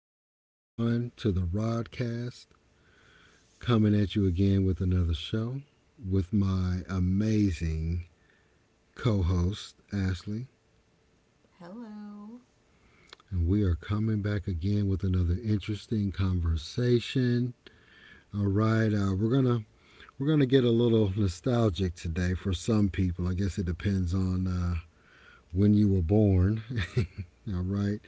back, everyone, to the Rodcast. Coming at you again with another show with my amazing co host, Ashley. Hello. And we are coming back again with another interesting conversation. All right, we're gonna get a little nostalgic today for some people. I guess it depends on when you were born. All right,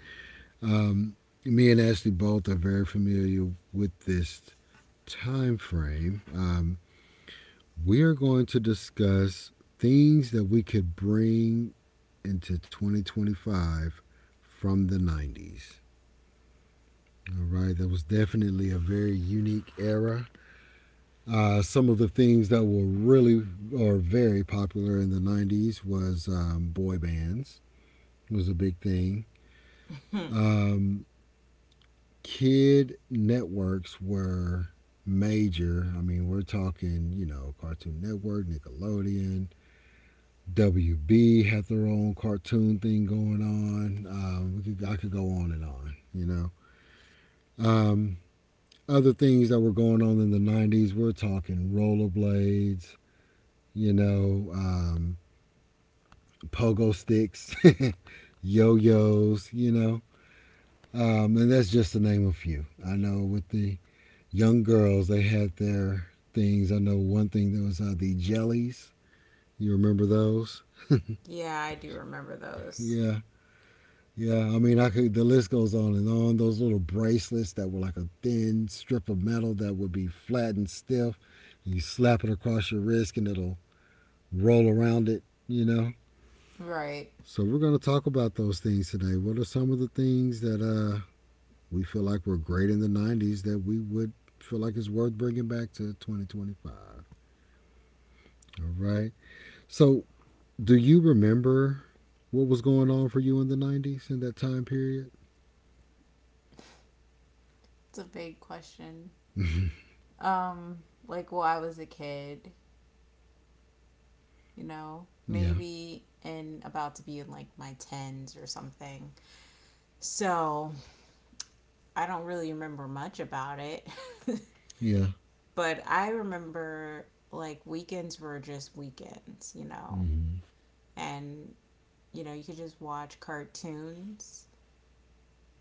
um, me and Ashley both are very familiar with this time frame, we are going to discuss things that we could bring into 2025 from the 90s. All right, that was definitely a very unique era. Some of the things that were really or very popular in the 90s was boy bands was a big thing. Um, Kid networks were major. I mean, we're talking, you know, Cartoon Network, Nickelodeon, WB had their own cartoon thing going on. I could go on and on, you know. Um, Other things that were going on in the 90s, we're talking rollerblades, you know, pogo sticks, yo yo's, you know. And that's just to name a few. I know with the young girls, they had their things. I know one thing that was the jellies. You remember those? Yeah, I do remember those. Yeah. Yeah, I mean, I could. The list goes on and on. Those little bracelets that were like a thin strip of metal that would be flat and stiff. You slap it across your wrist and it'll roll around it. You know. Right. So we're gonna talk about those things today. What are some of the things that we feel like were great in the '90s that we would feel like is worth bringing back to 2025? All right. So, do you remember what was going on for you in the '90s in that time period? It's a big question. Um, well, I was a kid, you know, Yeah. maybe and about to be in like my tens or something. So I don't really remember much about it. Yeah. But I remember like weekends were just weekends, you know. Mm-hmm. And you know, you could just watch cartoons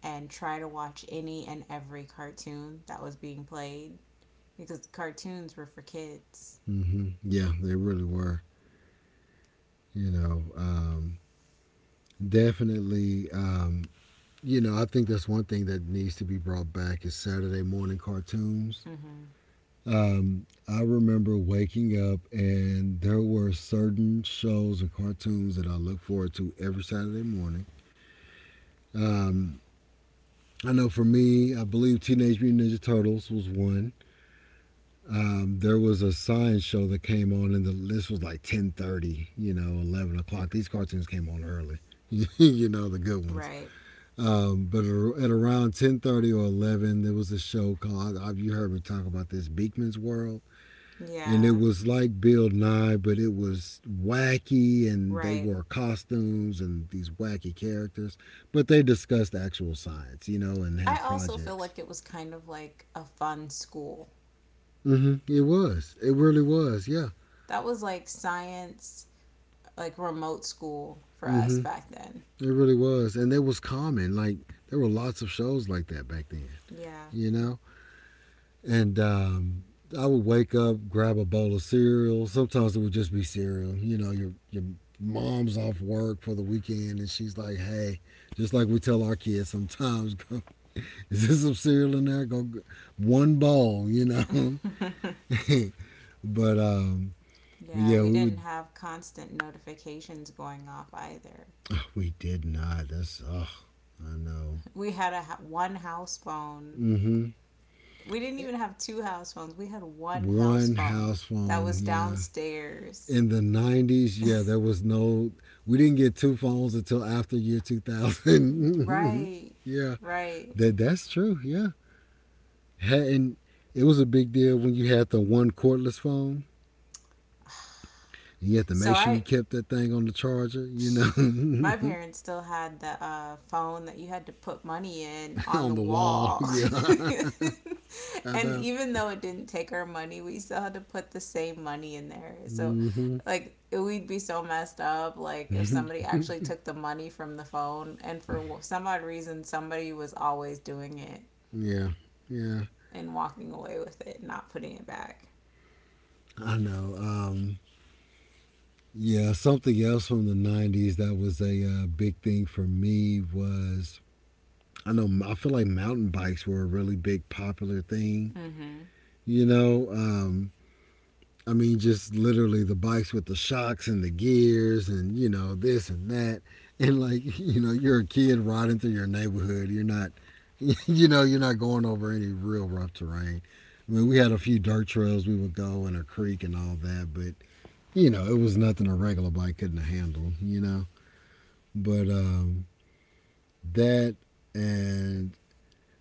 and try to watch any and every cartoon that was being played because cartoons were for kids. Mm-hmm. Yeah, they really were. You know, definitely. You know, I think that's one thing that needs to be brought back is Saturday morning cartoons. Mm-hmm. I remember waking up and there were certain shows and cartoons that I look forward to every Saturday morning. Um, I know for me, I believe Teenage Mutant Ninja Turtles was one. There was a science show that came on, and the this was like 10:30, you know, 11 o'clock. These cartoons came on early, you know, the good ones. Right. But at around 10:30 or 11, there was a show called, you heard me talk about this, Beekman's World, and it Yeah. was like Bill Nye, but it was wacky, and they Right. wore costumes and these wacky characters, but they discussed actual science, you know, and I had also feel projects. like it was kind of like a fun school. Hmm. It really was. Yeah. That was like science, like remote school for us Hmm. back then. It really was, and it was common. Like there were lots of shows like that back then, Yeah. you know. And I would wake up, grab a bowl of cereal. Sometimes it would just be cereal. You know, your mom's off work for the weekend, and she's like, "Hey," just like we tell our kids sometimes, go, "Is there some cereal in there?" Go one bowl, you know. but um, but Yeah, yeah, we we would. didn't have constant notifications going off either. Oh, we did not. That's. Oh, I know. We had a one house phone. Mm-hmm. We didn't even have two house phones. We had one house One phone house that phone. was Yeah, downstairs. in the 90s, yeah, there was no. We didn't get two phones until after year 2000. Right. Yeah, Right. that's true. Yeah. And it was a big deal when you had the one cordless phone, and you had to So make sure you I kept that thing on the charger, you know. my parents still had the phone that you had to put money in on On the the wall. wall. Yeah. I And know. even though it didn't take our money, we still had to put the same money in there. So, Mm-hmm. like, we'd be so messed up. Like, if somebody actually took the money from the phone, and for some odd reason, somebody was always doing it Yeah, yeah, and walking away with it, not putting it back. I know. Yeah, something else from the 90s that was a big thing for me was. I know I feel like mountain bikes were a really big popular thing. Mm-hmm. You know, I mean, just literally the bikes with the shocks and the gears, and you know, this and that, and like, you know, you're a kid riding through your neighborhood. You're not, you know, you're not going over any real rough terrain. I mean, we had a few dirt trails we would go in a creek and all that, but you know, it was nothing a regular bike couldn't handle. You know, but that and.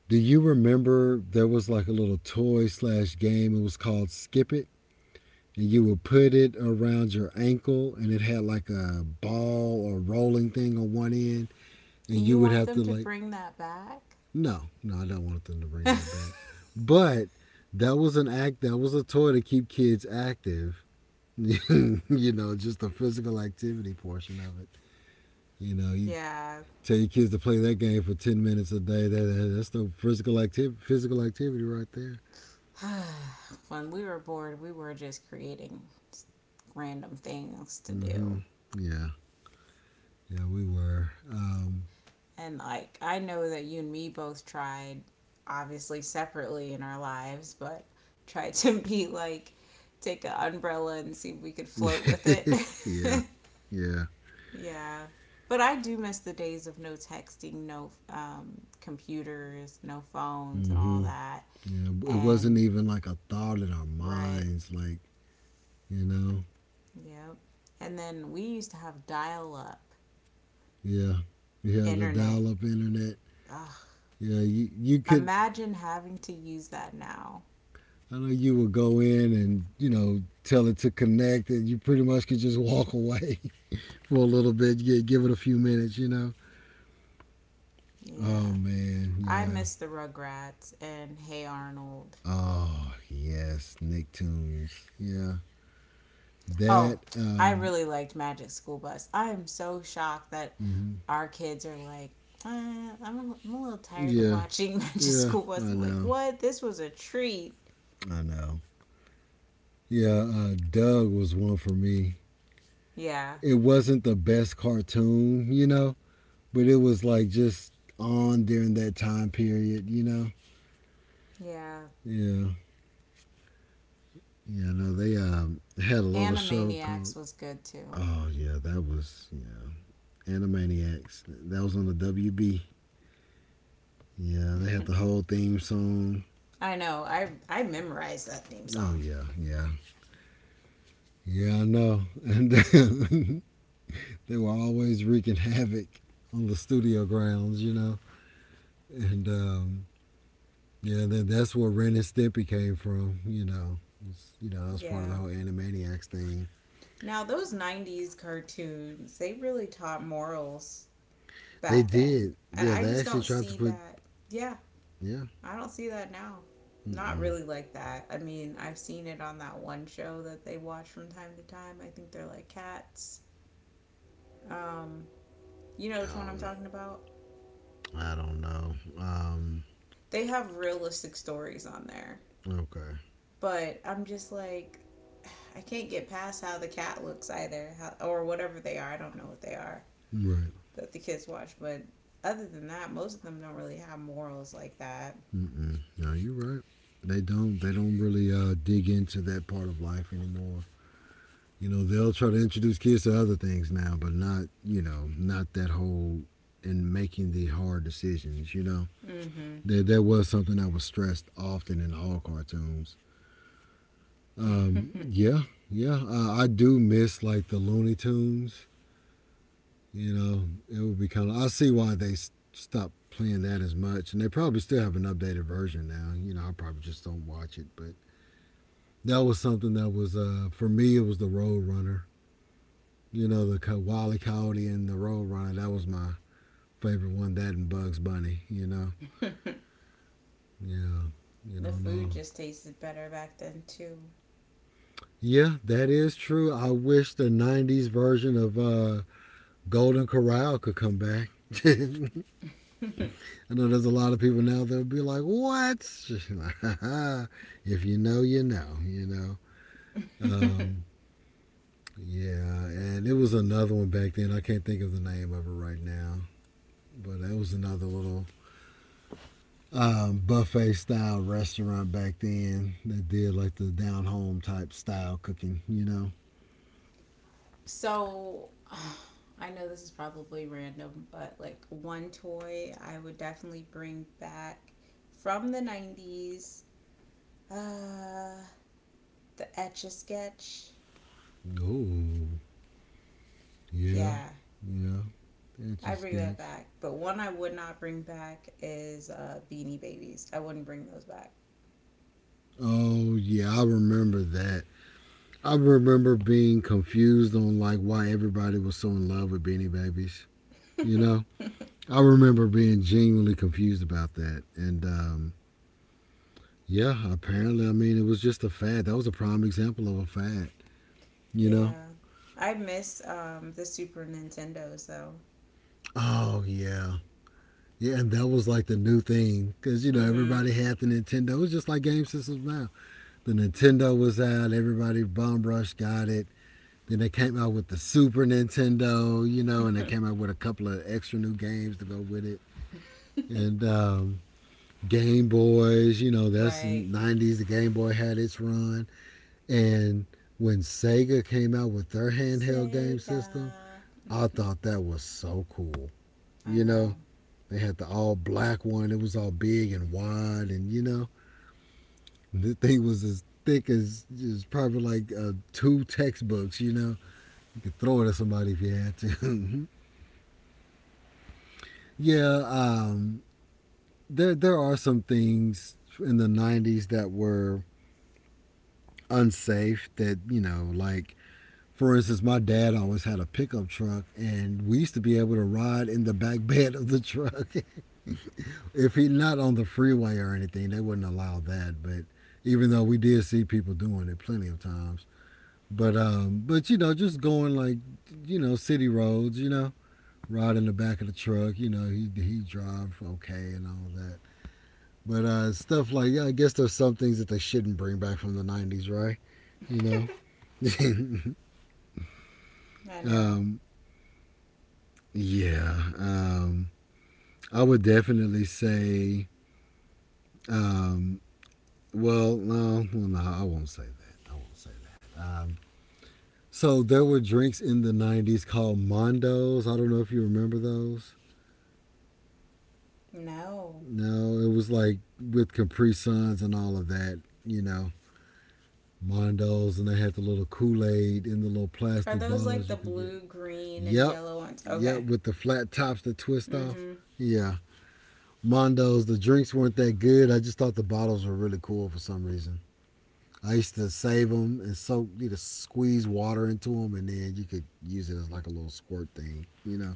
Do you remember there was like a little toy slash game? It was called Skip It. And you would put it around your ankle and it had like a ball or rolling thing on one end. And And you you would want have them to to like, bring that back? no, no, I don't want them to bring that back. But that was a toy to keep kids active. You know, just the physical activity portion of it. You know, you Yeah. tell your kids to play that game for 10 minutes a day. That's the physical activity right there. When we were bored, we were just creating random things to Mm-hmm. do. Yeah. Yeah, we were. And like, I know that you and me both tried, obviously separately in our lives, but tried to take an umbrella and see if we could float with it. Yeah. Yeah. Yeah. But I do miss the days of no texting, no computers, no phones, and all hmm that. Yeah, it wasn't And even like a thought in our right. minds. Like, you know, Yep. And then we used to have dial up yeah, we had the internet. dial-up internet. Ugh. Yeah, you could. Imagine having to use that now. I know you would go in and you know tell it to connect, and you pretty much could just walk away for a little bit. Yeah. Give it a few minutes, you know. Oh Yeah. man, I yeah. miss the Rugrats and Hey Arnold. Oh yes, Nicktoons. Yeah, Oh, that. I really liked Magic School Bus. I am so shocked that Mm-hmm. our kids are like, I'm a little tired of Yeah, watching Magic yeah, School Bus. I I'm like, know, what? This was a treat. I know. Yeah, Doug was one for me. Yeah, It wasn't the best cartoon, you know, but it was like just on during that time period, you know. yeah. Yeah, yeah. No, they had a little show called. Animaniacs was good too. Oh yeah, that was yeah, Animaniacs. That was on the WB. Yeah, they had the whole theme song. I know. I memorized that theme Oh song. yeah, yeah, yeah. I know. And they were always wreaking havoc on the studio grounds, you know. And yeah, that's where Ren and Stimpy came from, you know. It was, you know, that was part of the Yeah. whole Animaniacs thing. Now those '90s cartoons, they really taught morals They back then, did. and Yeah, I they just actually don't tried to see put, that. Yeah, yeah. I don't see that now. Not Mm-mm. really like that. I mean, I've seen it on that one show that they watch from time to time. I think they're like cats. Um, you know which one I'm Um, talking about? I don't know. They have realistic stories on there, Okay. but I'm just like, I can't get past how the cat looks either, how, or whatever they are. I don't know what they are. Right. That the kids watch. But other than that, most of them don't really have morals like that. Mm-mm. No, you're right. They don't. They don't really dig into that part of life anymore. You know, they'll try to introduce kids to other things now, but not, you know, not that whole in making the hard decisions, you know. Mm-hmm. That was something that was stressed often in all cartoons. Yeah, yeah. I do miss like the Looney Tunes. You know, it would be kind of. I see why they stopped playing that as much, and they probably still have an updated version now. You know, I probably just don't watch it, but that was something that was for me. It was the Road Runner. You know, the Wally Coyote and the Roadrunner. That was my favorite one. That and Bugs Bunny. You know. Yeah. You The don't food know. just tasted better back then too. Yeah, that is true. I wish the '90s version of Golden Corral could come back. I know there's a lot of people now that'll be like, "What?" If you know, you know. You know. Um, yeah, and it was another one back then. I can't think of the name of it right now, but it was another little buffet style restaurant back then that did like the down home type style cooking, you know? So, I know this is probably random, but like one toy I would definitely bring back from the 90s uh, the Etch a Sketch. Oh, yeah, Yeah, yeah. That's a I bring sketch. that back. But one I would not bring back is Beanie Babies. I wouldn't bring those back. Oh, yeah, I remember that. I remember being confused on like why everybody was so in love with Beanie Babies, you know? I remember being genuinely confused about that. And yeah, apparently, I mean, it was just a fad. That was a prime example of a fad, you know? Yeah. I miss the Super Nintendos though. Oh, yeah. Yeah, and that was like the new thing because you know Mm-hmm. everybody had the Nintendo. It was just like game systems now. The Nintendo was out, everybody bum rush got it. Then they came out with the Super Nintendo, you know, and they came out with a couple of extra new games to go with it. And Game Boys, you know, that's in Right. 90s. The Game Boy had its run, and when Sega came out with their handheld game Sega. system, I thought that was so cool. I You know, know. they had the all black one. It was all big and wide, and you know, the thing was as thick as is probably like two textbooks. You know, you could throw it at somebody if you had to. Yeah, there are some things in the '90s that were unsafe. That you know, like for instance, my dad always had a pickup truck, and we used to be able to ride in the back bed of the truck. If he not on the freeway or anything, they wouldn't allow that. But even though we did see people doing it plenty of times, just going like city roads, you know, riding the back of the truck, he drive okay and all that. But stuff like yeah, I guess there's some things that they shouldn't bring back from the '90s, right? You know, I know. um, yeah, um, I would definitely say um, well, no, I won't say that. I won't say that. So there were drinks in the '90s called Mondos. I don't know if you remember those. No. No, it was like with Capri Suns and all of that. You know, Mondos, and they had the little Kool Aid in the little Are plastic those like bottles the you could get. blue, green, and Yep, yellow ones? yep, Okay. with the flat tops that twist off. Mm-hmm. Yeah, Mondos. The drinks weren't that good. I just thought the bottles were really cool for some reason. I used to save them and soak, squeeze water into them, and then you could use it as like a little squirt thing, you know.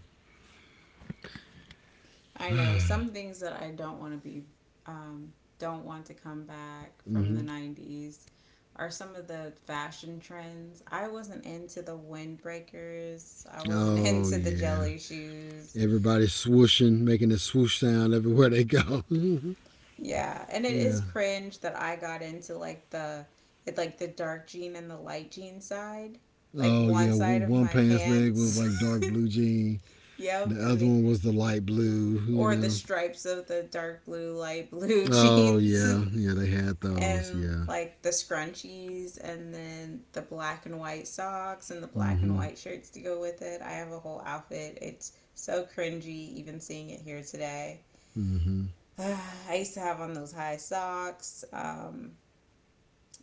I know some things that I don't want to um, don't want to come back from the Mm-hmm. 90s are some of the fashion trends. I wasn't into the windbreakers, I wasn't Oh into the yeah, jelly shoes. everybody's swooshing, making a swoosh sound everywhere they go. Yeah, and it is yeah. cringe that I got into like the dark jean and the light jean side, like Oh one yeah, side one, of one my pants leg was pants. like dark blue jean. The Yep, and other the one was the light blue, you or the know. stripes of the dark blue, light blue Oh jeans. yeah, yeah, they had those. And Yeah. like the scrunchies and then the black and white socks and the black and Mm-hmm. white shirts to go with it. I have a whole outfit. It's so cringy even seeing it here today. Mm-hmm. Uh, I used to have on those high socks.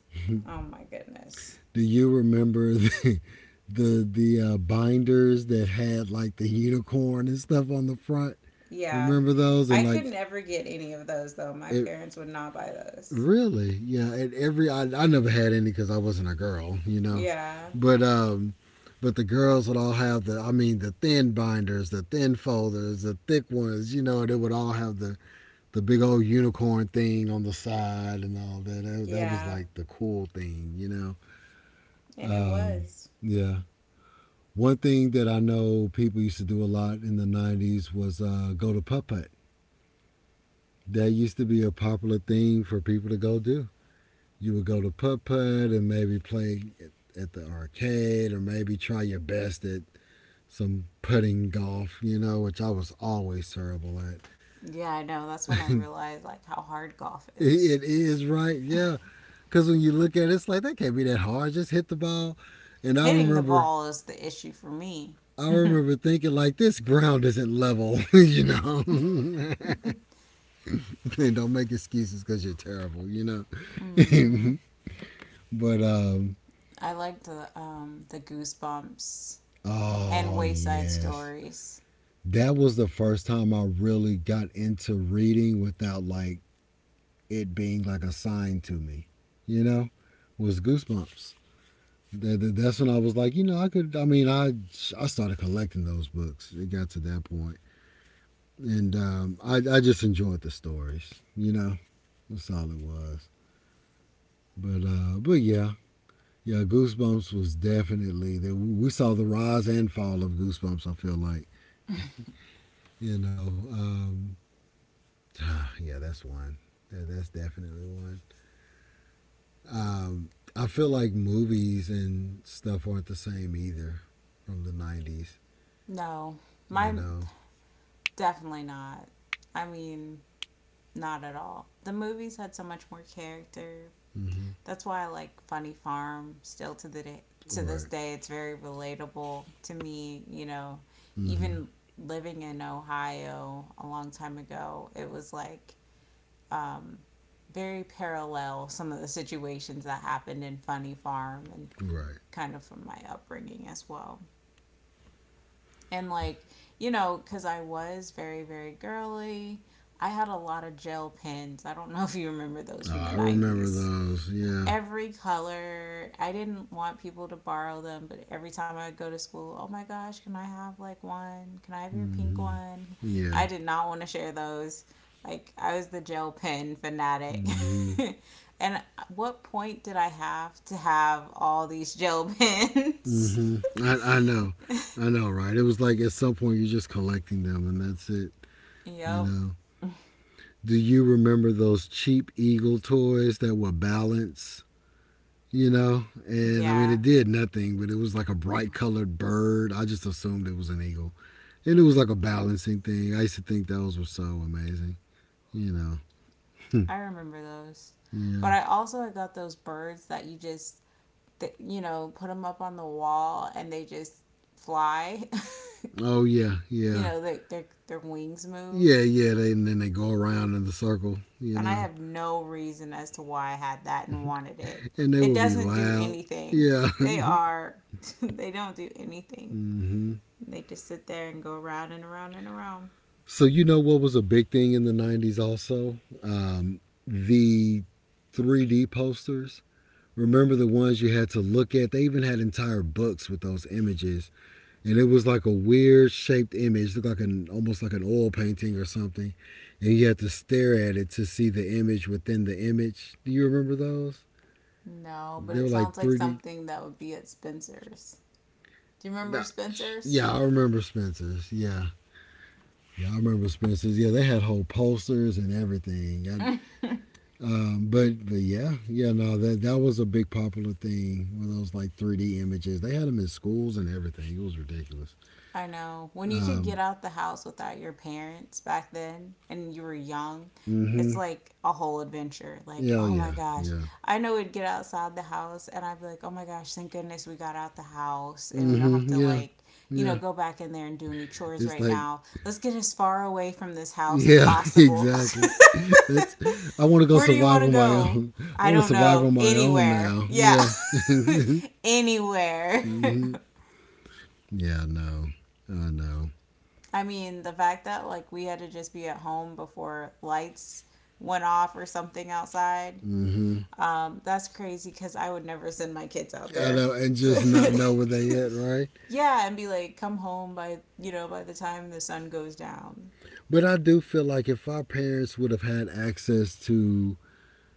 Oh my goodness. Do you remember the binders that had like the unicorn and stuff on the front? Yeah. Remember those? And I could like never get any of those though. My it parents would not buy those. really, yeah. And I never had any because I wasn't a girl, you know. Yeah. But um, but the girls would all have the I mean the thin binders, the thin folders, the thick ones, you know. And it would all have the big old unicorn thing on the side and all that. That was Yeah. like the cool thing, you know. And it Um, was. yeah, one thing that I know people used to do a lot in the '90s was go to putt putt. That used to be a popular thing for people to go do. You would go to putt putt and maybe play at the arcade or maybe try your best at some putting golf, you know, which I was always terrible at. Yeah, I know. That's when I it, realized like how hard golf is. it is right, yeah. Because when you look at it, it's like that can't be that hard. Just hit the ball. And I Hitting the remember ball is the issue for me. I remember thinking like this ground isn't level, you know. Don't make excuses because you're terrible, you know? hmm but, um, I like the Goosebumps and oh, Wayside yes. Stories. That was the first time I really got into reading without like it being like a sign to me, you know, was Goosebumps. That's when I was like, you know, I could, I mean, I started collecting those books. It got to that point. I just enjoyed the stories, you know, that's all it was. But yeah, Yeah, Goosebumps was definitely that we saw the rise and fall of Goosebumps. I feel like you know, um, yeah, that's one. That's definitely one. I feel like movies and stuff aren't the same either from the '90s. No, You my know, definitely not. I mean, not at all. The movies had so much more character. mm-hmm. That's why I like Funny Farm still to the day, to this Right? day. It's very relatable to me. You know, Mm-hmm. even living in Ohio a long time ago, it was like um, very parallel some of the situations that happened in Funny Farm and Right. kind of from my upbringing as well. And like, you know, because I was very, very girly, I had a lot of gel pens. I don't know if you remember those Oh, from the I remember 90s those. Yeah. every color. I didn't want people to borrow them, but every time I would go to school, oh my gosh, can I have like one? Can I have your pink Mm-hmm. one? Yeah. I did not want to share those. Like I was the gel pen fanatic. Mm-hmm. And what point did I have to have all these gel pens? Mm-hmm. I know. I know, right? It was like at some point you're just collecting them, and that's it. You Yep. know, do you remember those cheap Eagle toys that were balance? You know, Yeah. it did nothing, but it was like a bright colored bird. I just assumed it was an eagle. And it was like a balancing thing. I used to think those were so amazing. You know, I remember those. yeah. But I also I got those birds that you just you know, put them up on the wall and they just fly. Oh, yeah, you yeah. know, their wings Yeah, move, yeah. They, and then they go around in the circle, you and I know, have no reason as to why I had that and wanted it. and they It would be doesn't do loud. anything. Yeah. They are they don't do anything. mm-hmm. They just sit there and go around and around and around. So you know what was a big thing in the '90s also? Um, the 3D posters. Remember the ones you had to look at? They even had entire books with those images, and it was like a weird shaped image. It looked like an almost like an oil painting or something, and you had to stare at it to see the image within the image. Do you remember those? No, but They were it like sounds like 3D. something that would be at Spencer's. Do you remember Nah, Spencer's? yeah, I remember Spencer's. Yeah. Yeah, I remember Spencer's. Yeah, they had whole posters and everything. I, but yeah, yeah, no, that was a big popular thing with those like 3D images. They had them in schools and everything. It was ridiculous. I know. When you could get Um, out the house without your parents back then and you were young, it's mm-hmm. like a whole adventure. Like, Yeah, oh, oh my yeah, gosh. yeah. I know we'd get outside the house and I'd be like, oh my gosh, thank goodness we got out the house and we don't have Mm-hmm. to, Yeah, like, you yeah. know, go back in there and do any chores It's right like now. Let's get as far away from this house as yeah, possible. exactly. That's I want to go Where do you survive want to on my go? own. I I want to don't survive know. on my own Anywhere. now. Yeah. Yeah. mm-hmm. Anywhere. Yeah, I know. I know. I mean, the fact that like we had to just be at home before lights went off or something outside, Mm-hmm. That's crazy because I would never send my kids out I there. know, and just not know where they at, right? Yeah, and be like, come home by you know by the time the sun goes down. But I do feel like if our parents would have had access to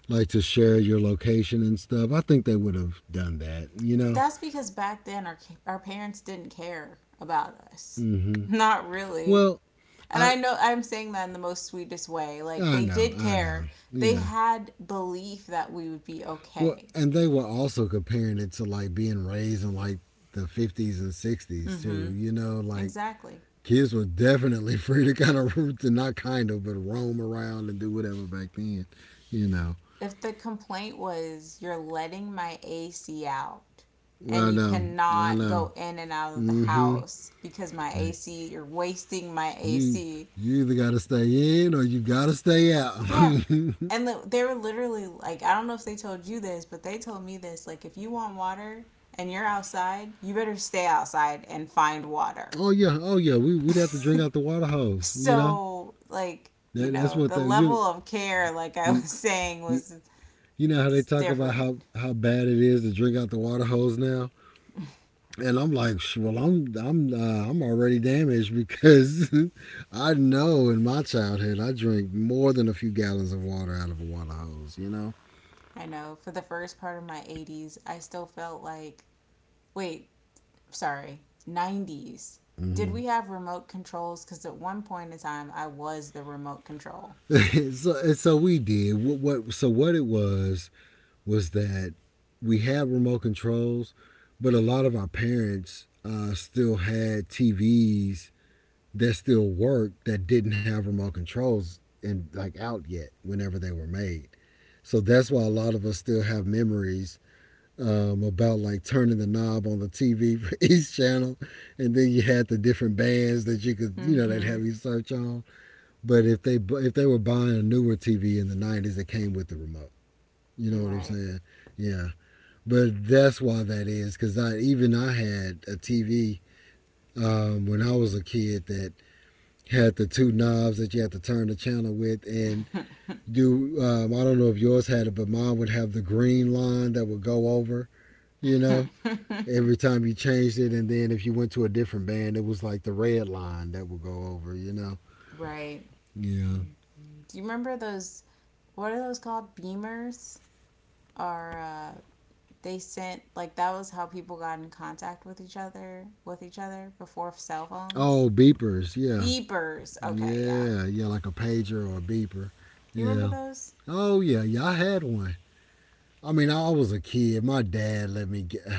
like to share your location and stuff, I think they would have done that. You know. That's because back then our parents didn't care about us, Mm-hmm. not really. Well, And I I know I'm saying that in the most sweetest way. Like I they know, did I know. care. They Yeah. had belief that we would be Well, okay. and they were also comparing it to like being raised in like the '50s and '60s Mm-hmm. too. You know, like Exactly. kids were definitely free to kind of to not kind of but roam around and do whatever back then. You know. If the complaint was you're letting my AC out Well, I and you know, I cannot know. go in and out of the Mm-hmm. house because my AC, you're wasting my You AC. you either gotta stay in or you gotta stay out. Yeah. And they were literally like, I don't know if they told you this, but they told me this. Like, if you want water and you're outside, you better stay outside and find water. oh yeah, oh yeah. We we'd have to drink out the water hose. You know so, like, you that that's know, what the that level of care, like I you was saying, you was you know how they talk about different. how bad it is to drink out the water hose now. And I'm like, well, I'm already damaged because I know in my childhood I drank more than a few gallons of water out of a water hose. You know. I know for the first part of my 80s, I still felt like, wait, sorry, 90s. Did hmm we have remote controls? Because at one point in time, I was the remote control. so and so we did what so what it was that we had remote controls, but a lot of our parents still had TVs that still worked that didn't have remote controls and like out yet whenever they were made. So that's why a lot of us still have memories about like turning the knob on the TV for each channel, and then you had the different bands that you could, you Mm know, that hmm. have you search on. But if they were buying a newer TV in the '90s, it came with the remote. You You're know what I'm right. saying? Yeah. But that's why that is, because I even I had a TV when I was a kid that had the two knobs that you had to turn the channel with, and do I don't know if yours had it, but mine would have the green line that would go over, you know, every time you changed it, and then if you went to a different band, it was like the red line that would go over, you know. Right. Yeah. Do you remember those? What are those called? Beamers? Or they sent like that was how people got in contact with each other before cell phones. Oh, beepers. Yeah. Beepers. Okay, yeah. Yeah. Yeah, like a pager or a beeper. You remember Yeah. those? Oh yeah, yeah. I had one. I mean, I was a kid. My dad let me get.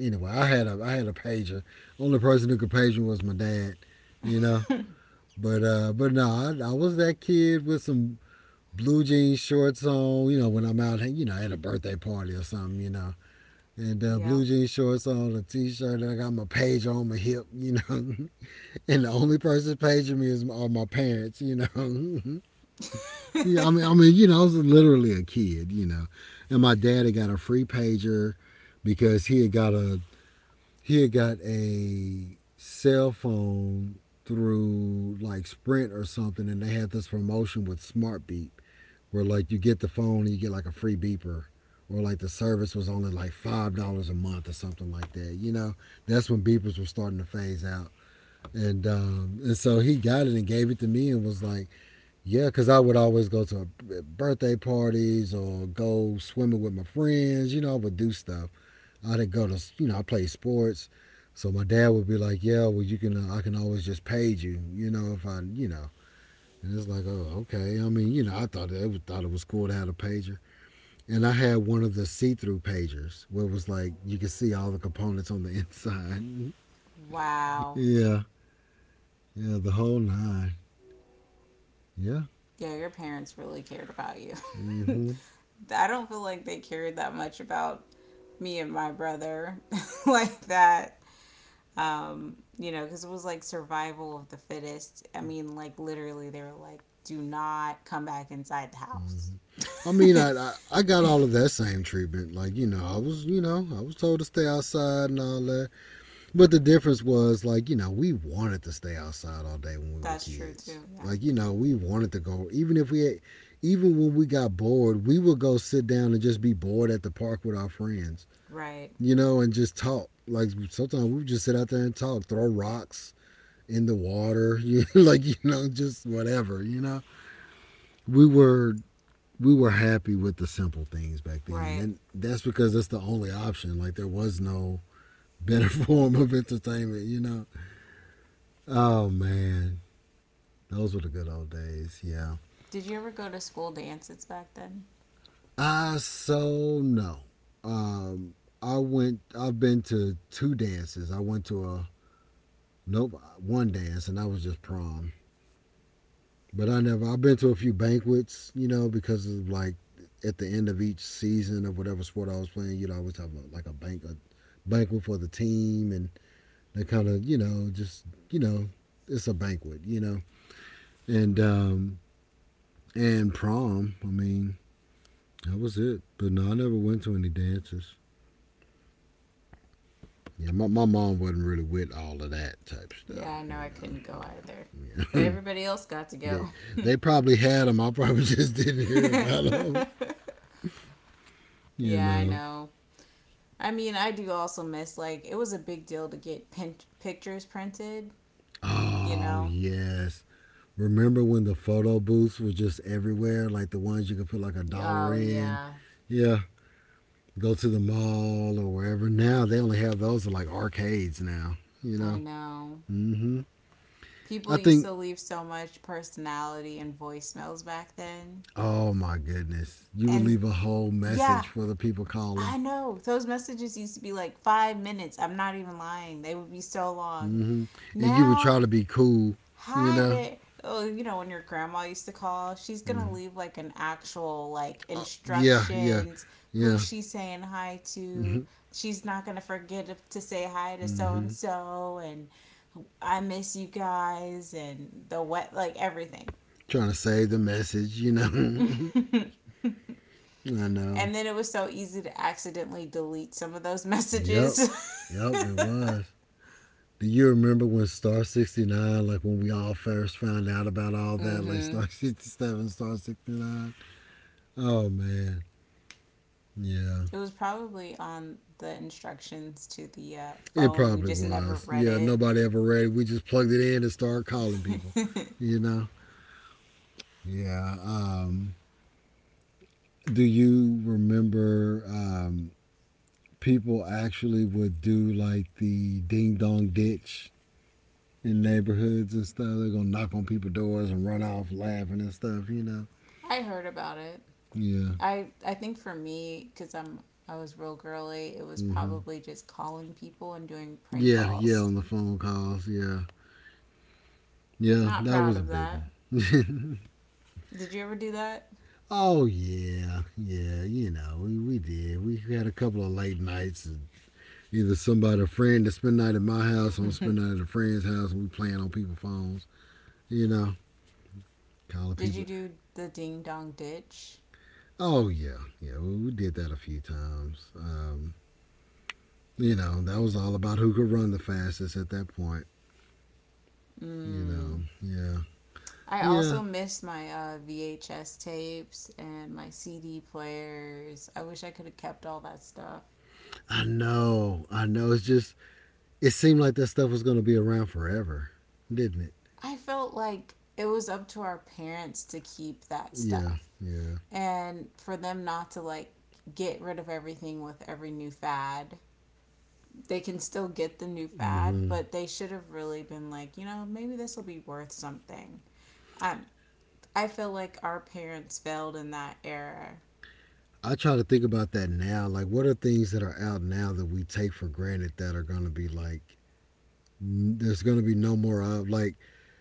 Anyway, I had a pager. Only person who could page me was my dad. You know, but no, I was that kid with some blue jean shorts on. You know, when I'm out, you know, at a birthday party or something. You know, and Yep. blue jean shorts on, a t-shirt, and I got my pager on my hip. You know, and the only person paging me is my, are my parents. You know, yeah, you know, I was literally a kid, you know, and my dad had got a free pager because he had got a cell phone through like Sprint or something, and they had this promotion with Smart Beep where like you get the phone and you get like a free beeper, or like the service was only like $5 a month or something like that. You know, that's when beepers were starting to phase out, and so he got it and gave it to me and was like, yeah, because I would always go to birthday parties or go swimming with my friends. You know, I would do stuff. I didn't go to, you know, I played sports. So my dad would be like, yeah, well, I can always just page you, you know, if I, you know. And it's like, oh, okay. I mean, you know, I thought it was cool to have a pager. And I had one of the see through pagers where it was like, you could see all the components on the inside. wow. yeah. Yeah, the whole nine. Yeah. Yeah, your parents really cared about you. Mm hmm. I don't feel like they cared that much about me and my brother like that. You know, because it was like survival of the fittest. I mean, like literally, they were like, "Do not come back inside the house." Mhm. I mean, I got all of that same treatment. Like you know, I was you know I was told to stay outside and all that. But the difference was like we wanted to stay outside all day when we were That's true kids. too. Yeah. Like we wanted to go even if we had, even when we got bored we would go sit down and just be bored at the park with our friends. Right. You know, and just talk. Like sometimes we would just sit out there and talk, throw rocks in the water, like just whatever. You know we were we were happy with the simple things back then, Right. and that's because that's the only option. Like there was no better form of entertainment. Oh man, those were the good old days. Yeah. Did you ever go to school dances back then? I so No. Um, I went. I've been to two dances. I went to a nope one dance, and that was just prom. But I never. I've been to a few banquets, you know, because of like at the end of each season of whatever sport I was playing, you'd always have a, like a bank a banquet for the team. And they kind of, you know, just, it's a banquet. And and prom, I mean, that was it. But no, I never went to any dances. Yeah, my mom wasn't really with all of that type Yeah, stuff, I know you I couldn't go either. know. But Yeah. everybody else got to they go. they probably had them. I probably just didn't hear about them, you Yeah, I know. know. I mean, I do also miss, like, it was a big deal to get pictures printed, you Oh know? yes, remember when the photo booths were just everywhere, like the ones you could put like a dollar Oh, in. yeah. Yeah, go to the mall or wherever. Now they only have those are like arcades now, you I know. know. Hmm. People I used think, to leave so much personality and voicemails back then. oh my goodness, you would And leave a whole yeah, message for the people calling. I know. Those messages used to be like 5 minutes. I'm not even lying. They would be so long. Hmm. And you would Now try to be cool, you hi know. there oh you know when your grandma used to call she's gonna Hmm. leave like an actual like Yeah, yeah, instructions who yeah. she's saying hi to Hmm. she's not gonna forget to say hi to so and Hmm. so and I miss you guys and the wet like everything Trying to save the message, you know. And then I know. it was so easy to accidentally delete some of those Yep, messages yep, it was. Do you remember when Star 69, like when we all first found out about all that, like mm-hmm Star 67, Star 69? Oh, man. Yeah. It was probably on the instructions to the It phone. We probably just never was. read Yeah, it. nobody ever read it. We just plugged it in and started calling people, you know? Yeah. Do you remember people actually would do like the ding dong ditch in neighborhoods and stuff? They're going to knock on people's doors and run off laughing and stuff, you know? I heard about it. Yeah. I think for me, because I was real girly, it was Mm-hmm. probably just calling people and doing prank Yeah, yeah, calls. on the phone calls. Yeah, yeah, Not that proud was a of big one. that. Did you ever do that? Oh yeah, yeah, you know, we did. We had a couple of late nights. And either somebody, a friend, that spend night at my house, or spend night at a friend's house, and we playing on people's phones. You know, calling Did you people. do the ding dong ditch? Oh yeah, yeah, we did that a few times. You know, that was all about who could run the fastest at that point. You Mm. know, yeah, I yeah. also miss my VHS tapes and my CD players. I wish I could have kept all that stuff. I know, I know. It's just it seemed like that stuff was going to be around forever, didn't it? I felt like it was up to our parents to keep that Yeah, stuff yeah. and for them not to like get rid of everything with every new fad. They can still get the new fad, Hmm. but they should have really been like, you know, maybe this will be worth something. Um, I feel like our parents failed in that era. I try to think about that now. Like, what are things that are out now that we take for granted that are going to be like, there's going to be no more of? Like,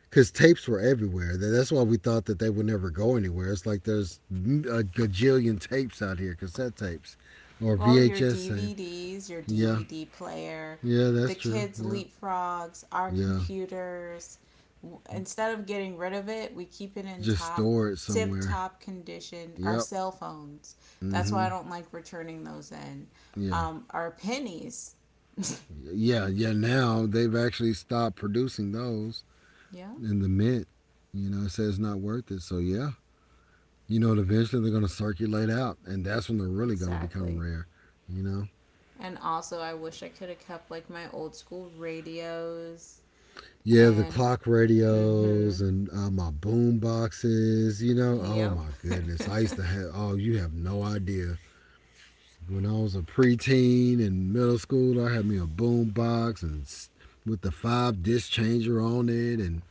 because tapes were everywhere. That's why we thought that they would never go anywhere. It's like there's a gajillion tapes out here, cassette tapes or Well, your VHS tape. DVDs, your Yeah, DVD player, yeah, the that's true. kids' Yeah, leapfrogs, our yeah. computers. Instead of getting rid of it, we keep it in Just store it tip somewhere. top condition. Our Yep. cell phones. That's why I Hmm. don't like returning those in. Yeah. Our pennies. Yeah, yeah. Now they've actually stopped producing those yeah, in the mint. You know, it says it's not worth it. So yeah, you know, eventually they're going to circulate out, and that's when they're really going to become exactly. rare. You know, And also, I wish I could have kept like my old school radios yeah, the and, clock radios mm and my boom boxes. You know, hmm, oh yep. my goodness, I used to have. Oh, you have no idea. When I was a preteen in middle school, I had me a boom box and with the 5 disc changer on it and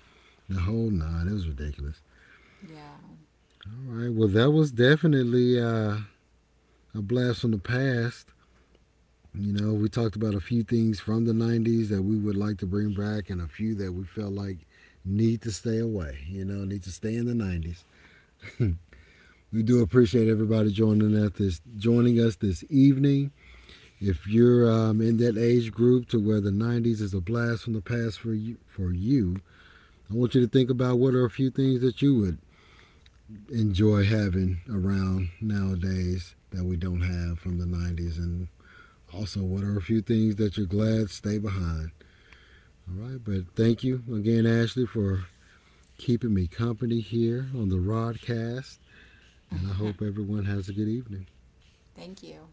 the whole nine. It was ridiculous. yeah. All right. Well, that was definitely a blast from the past. You know, we talked about a few things from the 90s that we would like to bring back and a few that we felt like need to stay away, you know, need to stay in the 90s. We do appreciate everybody joining us this evening. If you're in that age group to where the 90s is a blast from the past for you, I want you to think about what are a few things that you would enjoy having around nowadays that we don't have from the 90s, and also what are a few things that you're glad stay behind. All right, but thank you again, Ashley, for keeping me company here on the Rodcast, and I hope everyone has a good evening. Thank you.